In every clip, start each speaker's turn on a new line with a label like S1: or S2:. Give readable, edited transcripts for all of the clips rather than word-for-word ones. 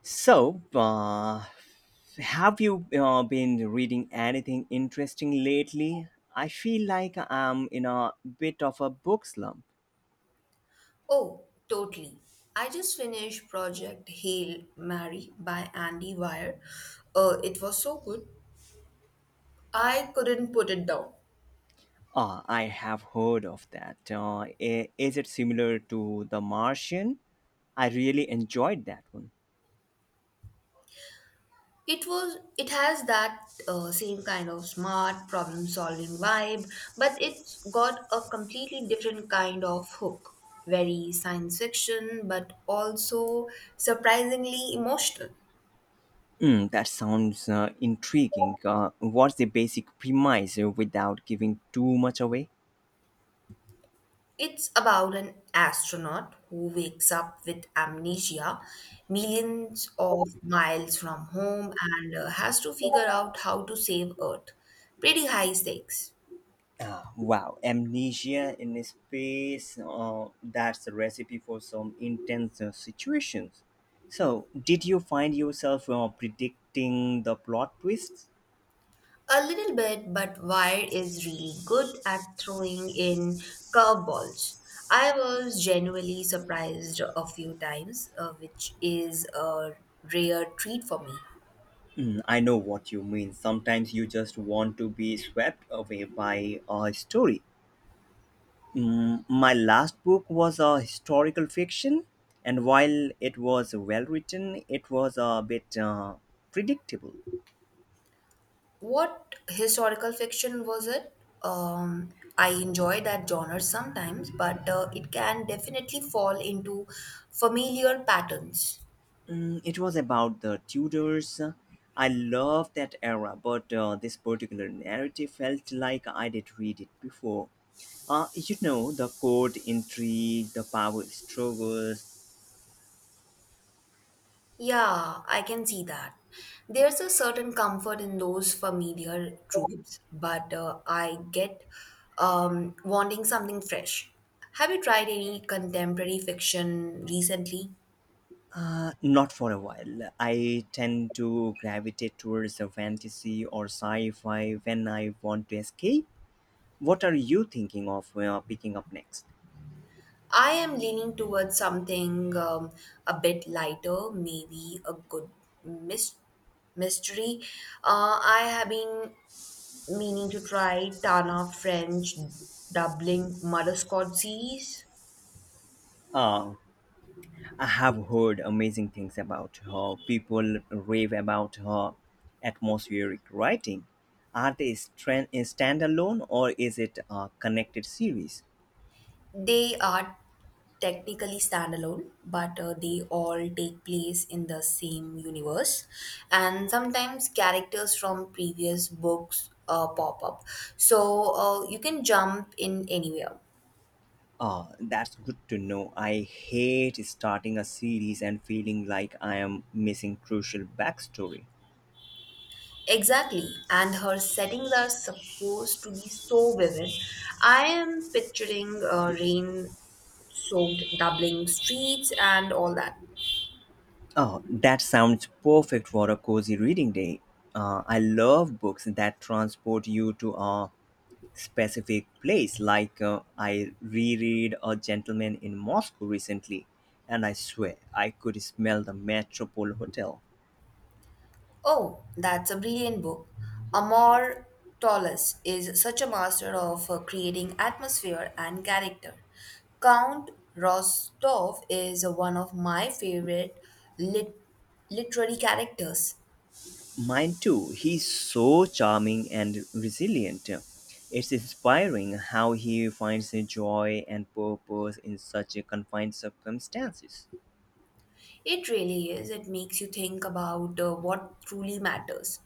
S1: So, uh, have you been reading anything interesting lately? I feel like I'm in a bit of a book slump.
S2: Oh, totally. I just finished Project Hail Mary by Andy Weir. It was so good. I couldn't put it down.
S1: Ah, I have heard of that. Is it similar to The Martian? I really enjoyed that one.
S2: It has that same kind of smart problem solving vibe, but it's got a completely different kind of hook. Very science fiction, but also surprisingly emotional.
S1: Mm, that sounds intriguing. What's the basic premise without giving too much away?
S2: It's about an astronaut who wakes up with amnesia millions of miles from home and has to figure out how to save Earth. Pretty high stakes.
S1: Ah, wow, amnesia in space, that's a recipe for some intense situations. So, did you find yourself predicting the plot twists?
S2: A little bit, but Wire is really good at throwing in curveballs. I was genuinely surprised a few times, which is a rare treat for me.
S1: Mm, I know what you mean. Sometimes you just want to be swept away by a story. Mm, my last book was a historical fiction, and while it was well written, it was a bit predictable.
S2: What historical fiction was it? Um, I enjoy that genre sometimes, but it can definitely fall into familiar patterns.
S1: Mm, it was about the Tudors. I love that era, but this particular narrative felt like I did read it before. You know, the court intrigue, the power struggles.
S2: Yeah, I can see that. There's a certain comfort in those familiar tropes, but I get wanting something fresh. Have you tried any contemporary fiction recently?
S1: Not for a while. I tend to gravitate towards the fantasy or sci fi when I want to escape. What are you thinking of picking up next?
S2: I am leaning towards something a bit lighter, maybe a good mys- mystery. I have been meaning to try Tana French Dublin Mother series.
S1: Uh, I have heard amazing things about her. People rave about her atmospheric writing. Are they standalone or is it a connected series?
S2: They are technically standalone, but they all take place in the same universe, and sometimes characters from previous books pop up. So you can jump in anywhere.
S1: Ah, that's good to know. I hate starting a series and feeling like I am missing crucial backstory.
S2: Exactly, and her settings are supposed to be so vivid. I am picturing rain soaked Dublin streets and all that.
S1: Oh, that sounds perfect for a cozy reading day. I love books that transport you to a specific place. Like I reread A Gentleman in Moscow recently, and I swear I could smell the Metropole Hotel.
S2: Oh, that's a brilliant book. Amor Tolles is such a master of creating atmosphere and character. Count Rostov is one of my favorite lit- literary characters.
S1: Mine too. He's so charming and resilient. It's inspiring how he finds joy and purpose in such a confined circumstances.
S2: It really is. It makes you think about what truly matters,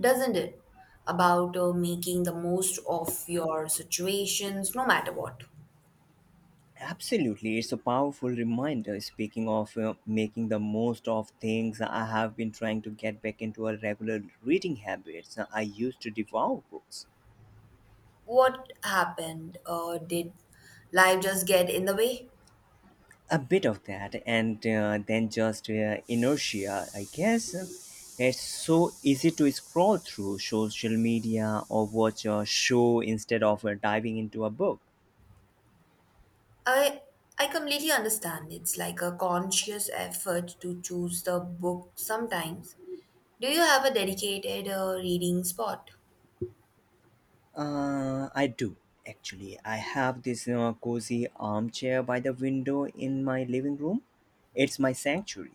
S2: doesn't it? About making the most of your situations, no matter what.
S1: Absolutely, it's a powerful reminder. Speaking of making the most of things, I have been trying to get back into a regular reading habits. I used to devour books.
S2: What happened? Did life just get in the way?
S1: A bit of that, and then just inertia, I guess. It's so easy to scroll through social media or watch a show instead of diving into a book.
S2: I I completely understand. It's like a conscious effort to choose the book sometimes. Do you have a dedicated reading spot?
S1: I do actually. I have this cozy armchair by the window in my living room. It's my sanctuary.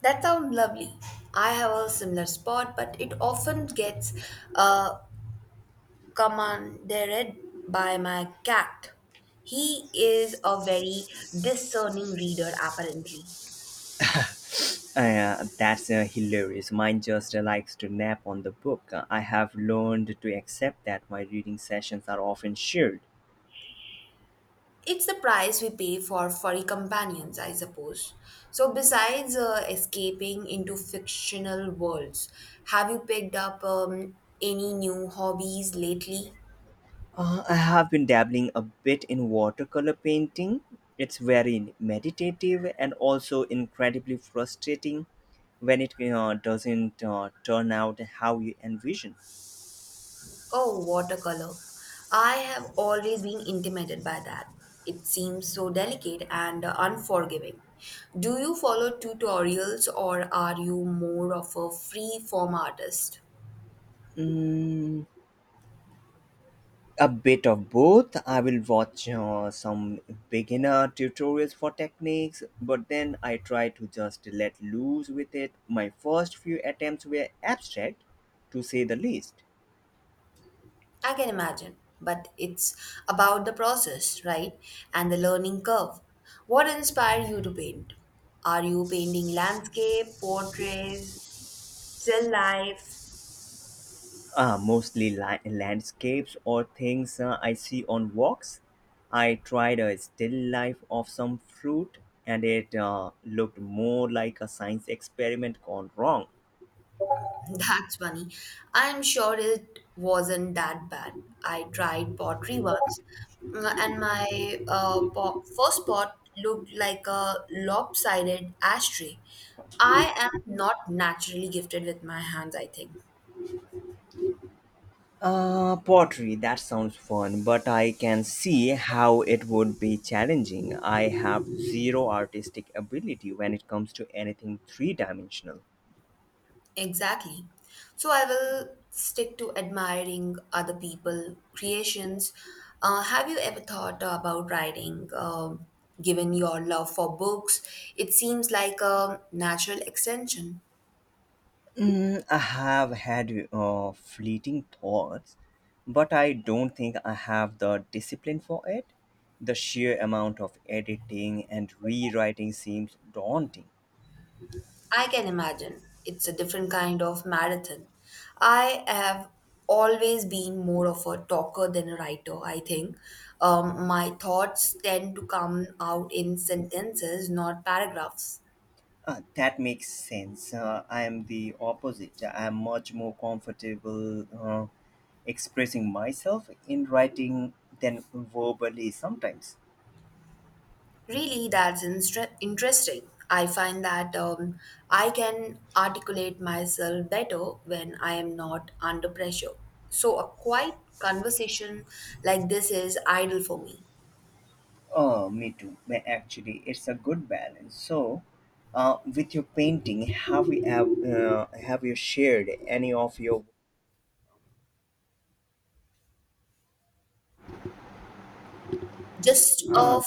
S2: That sounds lovely. I have a similar spot, but it often gets uh, commandeered by my cat. He is a very discerning reader, apparently.
S1: That's hilarious. Mine just likes to nap on the book. I have learned to accept that my reading sessions are often shared.
S2: It's the price we pay for furry companions, I suppose. So, besides escaping into fictional worlds, have you picked up any new hobbies lately?
S1: I have been dabbling a bit in watercolor painting. It's very meditative and also incredibly frustrating when it doesn't turn out how you envision.
S2: Oh, watercolor. I have always been intimidated by that. It seems so delicate and unforgiving. Do you follow tutorials or are you more of a free form artist?
S1: Mm, a bit of both. I will watch some beginner tutorials for techniques, but then I try to just let loose with it. My first few attempts were abstract, to say the least.
S2: I can imagine, but it's about the process, right? And the learning curve. What inspired you to paint? Are you painting landscape, portraits, still life?
S1: Mostly landscapes or things I see on walks. I tried a still life of some fruit, and it looked more like a science experiment gone wrong.
S2: That's funny. I'm sure it wasn't that bad. I tried pottery once, and my first pot looked like a lopsided ashtray. I am not naturally gifted with my hands, I think.
S1: Pottery, that sounds fun, but I can see how it would be challenging. I have zero artistic ability when it comes to anything three dimensional.
S2: Exactly. So I will stick to admiring other people' creations. Have you ever thought about writing? Given your love for books, it seems like a natural extension.
S1: Mm, I have had fleeting thoughts, but I don't think I have the discipline for it. The sheer amount of editing and rewriting seems daunting.
S2: I can imagine. It's a different kind of marathon. I have always been more of a talker than a writer, I think. My thoughts tend to come out in sentences, not paragraphs.
S1: That makes sense. I am the opposite. I am much more comfortable expressing myself in writing than verbally sometimes.
S2: Really, that's interesting. I find that I can articulate myself better when I am not under pressure. So, a quiet conversation like this is ideal for me.
S1: Oh, me too. But actually, it's a good balance. So, with your painting, have you shared any of your?
S2: Just
S1: Uh,
S2: a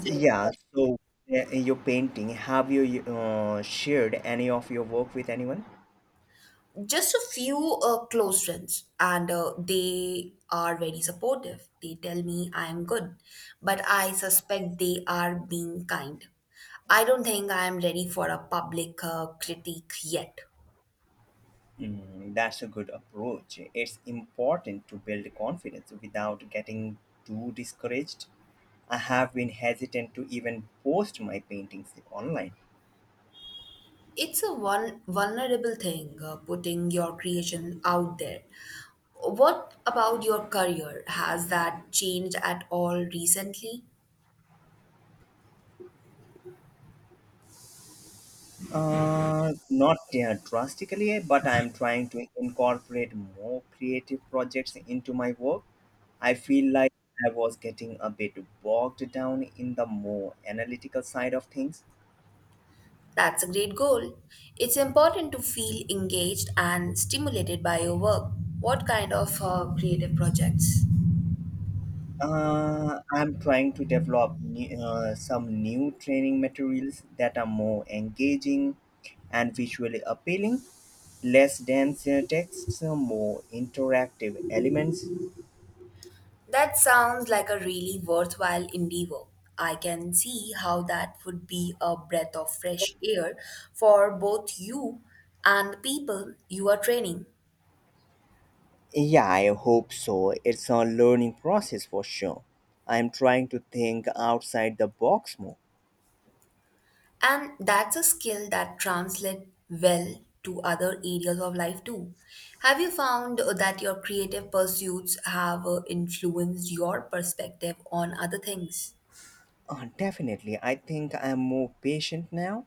S2: few
S1: yeah. So, your painting, have you shared any of your work with anyone?
S2: just a few close friends and they are very supportive, they tell me I am good, but I suspect they are being kind. I don't think I am ready for a public critique yet.
S1: Mm, that's a good approach. It's important to build confidence without getting too discouraged. I have been hesitant to even post my paintings online.
S2: It's a one vulnerable thing, putting your creation out there. What about your career, has that changed at all recently?
S1: Not drastically, but I'm trying to incorporate more creative projects into my work. I feel like I was getting a bit bogged down in the more analytical side of things.
S2: That's a great goal. It's important to feel engaged and stimulated by your work. What kind of creative projects?
S1: I'm trying to develop some new training materials that are more engaging and visually appealing, less dense texts, more interactive elements.
S2: That sounds like a really worthwhile endeavor. I can see how that would be a breath of fresh air for both you and the people you are training.
S1: Yeah, I hope so. It's a learning process for sure. I'm trying to think outside the box more.
S2: And that's a skill that translates well to other areas of life too. Have you found that your creative pursuits have influenced your perspective on other things?
S1: Definitely. I think I'm more patient now.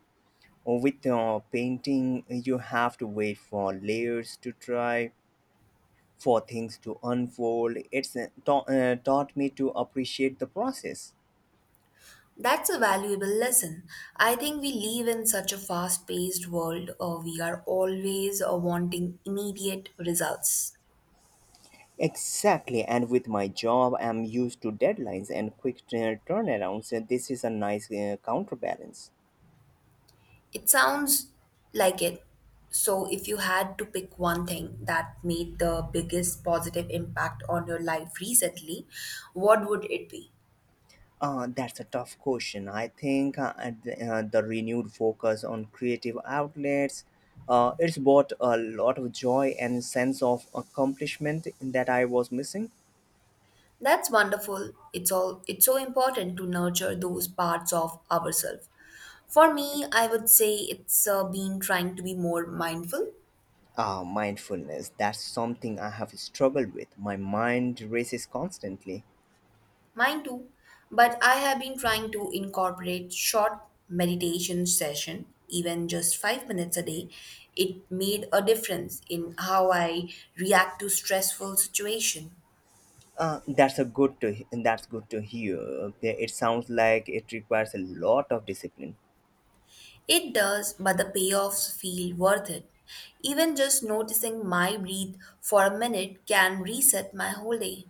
S1: With painting, you have to wait for layers to dry for things to unfold. It's taught me to appreciate the process.
S2: That's a valuable lesson. I think we live in such a fast paced world, we are always wanting immediate results.
S1: Exactly, and with my job, I'm used to deadlines and quick turnarounds. And This is a nice counterbalance.
S2: It sounds like it. So, if you had to pick one thing that made the biggest positive impact on your life recently, what would it be?
S1: That's a tough question. I think the renewed focus on creative outlets, it's brought a lot of joy and sense of accomplishment that I was missing.
S2: That's wonderful. It's so important to nurture those parts of ourselves. For me, I would say it's been trying to be more mindful.
S1: Ah, mindfulness. That's something I have struggled with. My mind races constantly.
S2: Mine too, but I have been trying to incorporate short meditation session, even just 5 minutes a day. It made a difference in how I react to stressful situation.
S1: Uh, that's a good to that's good to hear. Okay, it sounds like it requires a lot of discipline.
S2: It does, but the payoffs feel worth it. Even just noticing my breath for a minute can reset my whole day.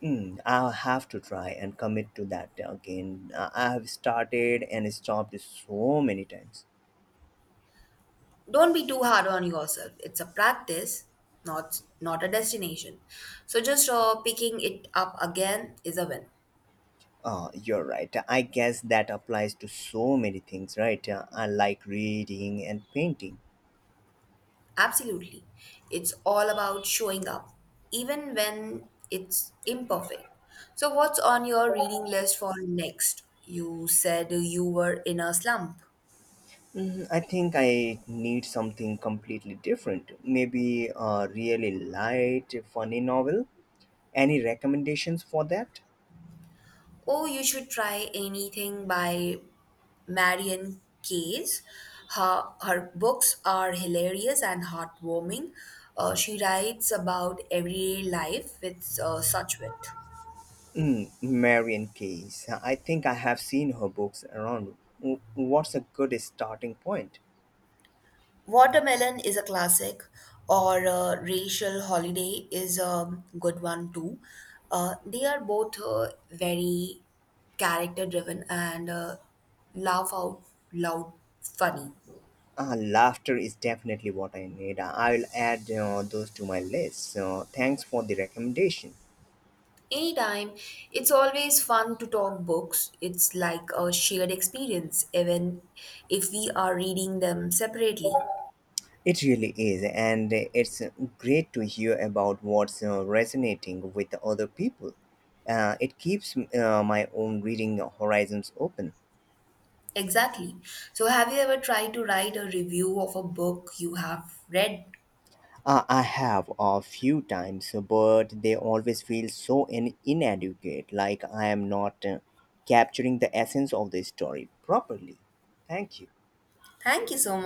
S1: Hmm, I'll have to try and commit to that again. I have started and stopped so many times.
S2: Don't be too hard on yourself. It's a practice, not a destination. So just picking it up again is a win.
S1: You're right. I guess that applies to so many things, right? I like reading and painting.
S2: Absolutely. It's all about showing up, even when it's imperfect. So, what's on your reading list for next? You said you were in a slump.
S1: Hmm, I think I need something completely different. Maybe a really light, funny novel. Any recommendations for that?
S2: Oh, you should try anything by Marion Case. Her books are hilarious and heartwarming. She writes about everyday life with such wit.
S1: Mm, Marion Case. I think I have seen her books around. What's a good starting point?
S2: Watermelon is a classic, or Racial Holiday is a good one too. They are both very character driven and laugh out loud funny.
S1: Ah, laughter is definitely what I need. I'll add those to my list. So thanks for the recommendation.
S2: Anytime, it's always fun to talk books. It's like a shared experience, even if we are reading them separately.
S1: It really is, and it's great to hear about what's resonating with other people. It keeps my own reading horizons open.
S2: Exactly. So, have you ever tried to write a review of a book you have read?
S1: I have a few times, but they always feel so inadequate, like I am not capturing the essence of the story properly. Thank you.
S2: Thank you so